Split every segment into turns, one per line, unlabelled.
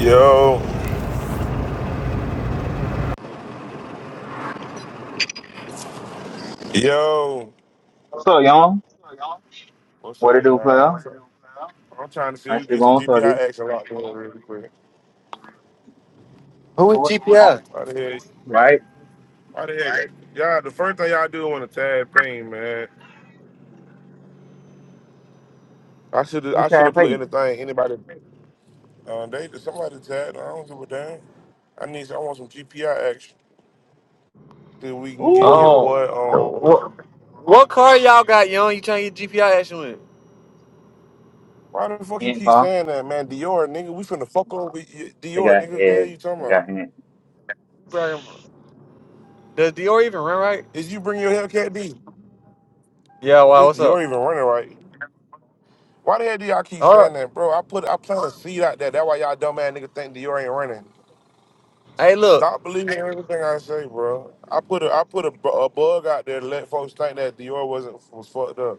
Yo, yo,
So, young,
what's
what
up,
it do,
y'all?
player?
What's up? I'm trying to see if we can
Actually
get some
going for the
GPI action locked in really quick.
Who is
what it do,
GPI?
Why the heck?
right?
Why the heck? Y'all, the first thing y'all do when a tag pain, man. I should
Who's
I
trying
should
to
have put
play?
anything anybody. Uh, they somebody tagged. I don't give a damn. I need. I want some GPI action. Then we can get your
Ooh,
Oh,
my
boy
God.
on.
what, what car y'all got, young? You trying to get GPI action with?
Why the fuck you
Ant
keep
car.
saying that, man? Dior, nigga, we finna fuck over with you-
They
Dior,
got
nigga. What The hell
Ed.
you talking
They
about?
got Ant.
Bro, Does Dior even run right?
Is you bring your Hellcat D?
Yeah, wow,
Is
what's up?
Dior even running right? Why the hell do y'all keep
All right.
saying that, bro? I put I plant a seed out there. That's why y'all dumb ass nigga think Dior ain't running.
Hey, look,
Stop believing everything I say, bro. I put a I put a, bu- a bug out there to let folks think that Dior wasn't was fucked up.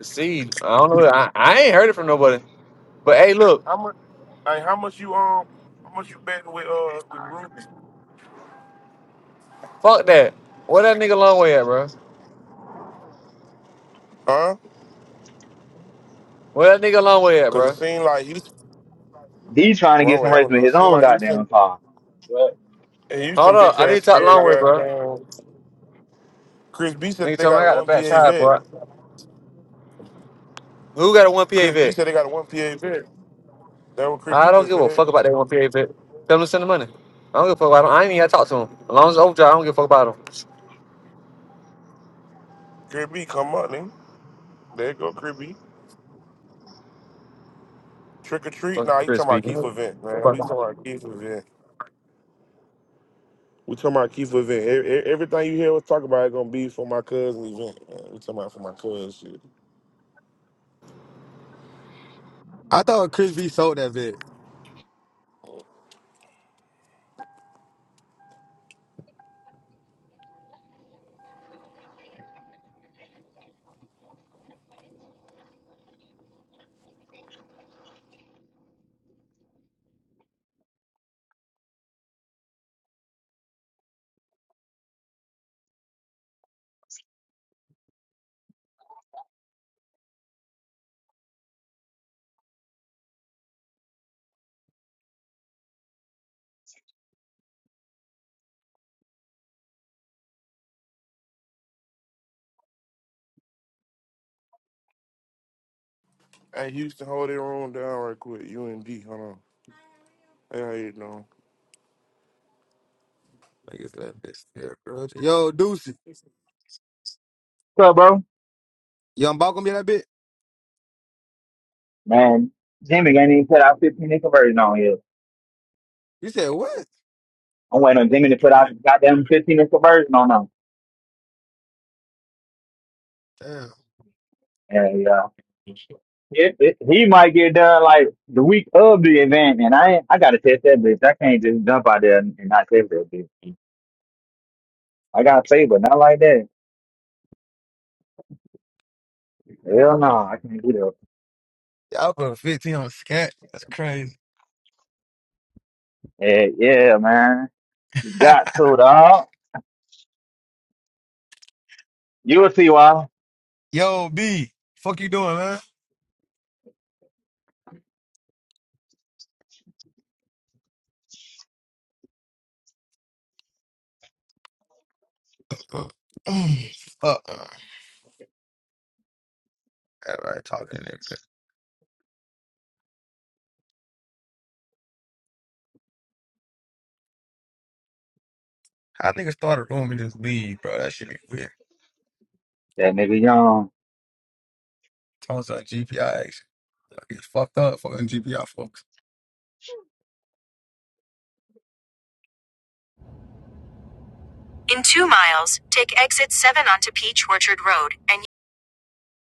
see, I don't know. I, I ain't heard it from nobody. But hey, look,
How much? Hey, how much you um? How much you betting with uh with Ruby?
fuck that. Where that nigga long way at, bro?
Huh?
Where that nigga long way at,
Cause it
bro?
seemed like he's
D trying to
wrong
get
way.
some
I
race
don't
with
know. It
his
seemed
own
like
goddamn
Houston
car. What?
and
Hold
Houston
up,
bitch
I need
ass
to talk
scared. They
Uh,
long way, bro.
got um, Chris B said
Nigga
they
told me
got
I
a
got the
one
back
PA
tire,
vet.
bro. Who got a 1PA
Chris B
vet?
said they got a one PA vet. That what Chris B
I don't
just
give a
said.
fuck about that 1PA vet. Tell him to send the money. I don't give a fuck about him. I ain't even got to talk to him. As long as it's overdrive, I don't give a fuck about him.
Chris B come up, nigga. There you go, creepy. Trick or treat?
Fucking
Nah, you talking about
crispy.
Keith event, man. We talking about Keith event. We talking about Keith event. E- e- Everything you hear us talk about is gonna be for my cousin event. Man. We talking about for my cousin shit.
I thought Chris B sold that bit.
Hey, Houston, hold their own down right quick. UND, hold on. Hey, how you doing?
Like it's that bitch. there, bro. Yo, Deucey.
bro?
Young Bob gonna be that bit?
Man, Jimmy ain't even put out 15 inch conversion on here.
You said what?
I'm waiting on Jimmy to put out the goddamn 15 inch conversion on him.
Damn.
And uh, it, it, he might get done like the week of the event, and I ain't, I gotta test that bitch. I can't just jump out there and, and not test that bitch. I gotta save, but not like that. Hell no, I can't do that.
Y'all put 15 on scat. That's crazy.
Yeah, yeah, man. You got to, dog. You will see why.
Yo, B. Fuck you doing, man? Fuck. Mm, fuck. Everybody talking in there. bro. How niggas started room and just leave, bro? That shit be weird.
That nigga young.
Talking about GPI action. I get fucked up fucking GPI folks. In two miles, take exit 7 onto Peach Orchard Road and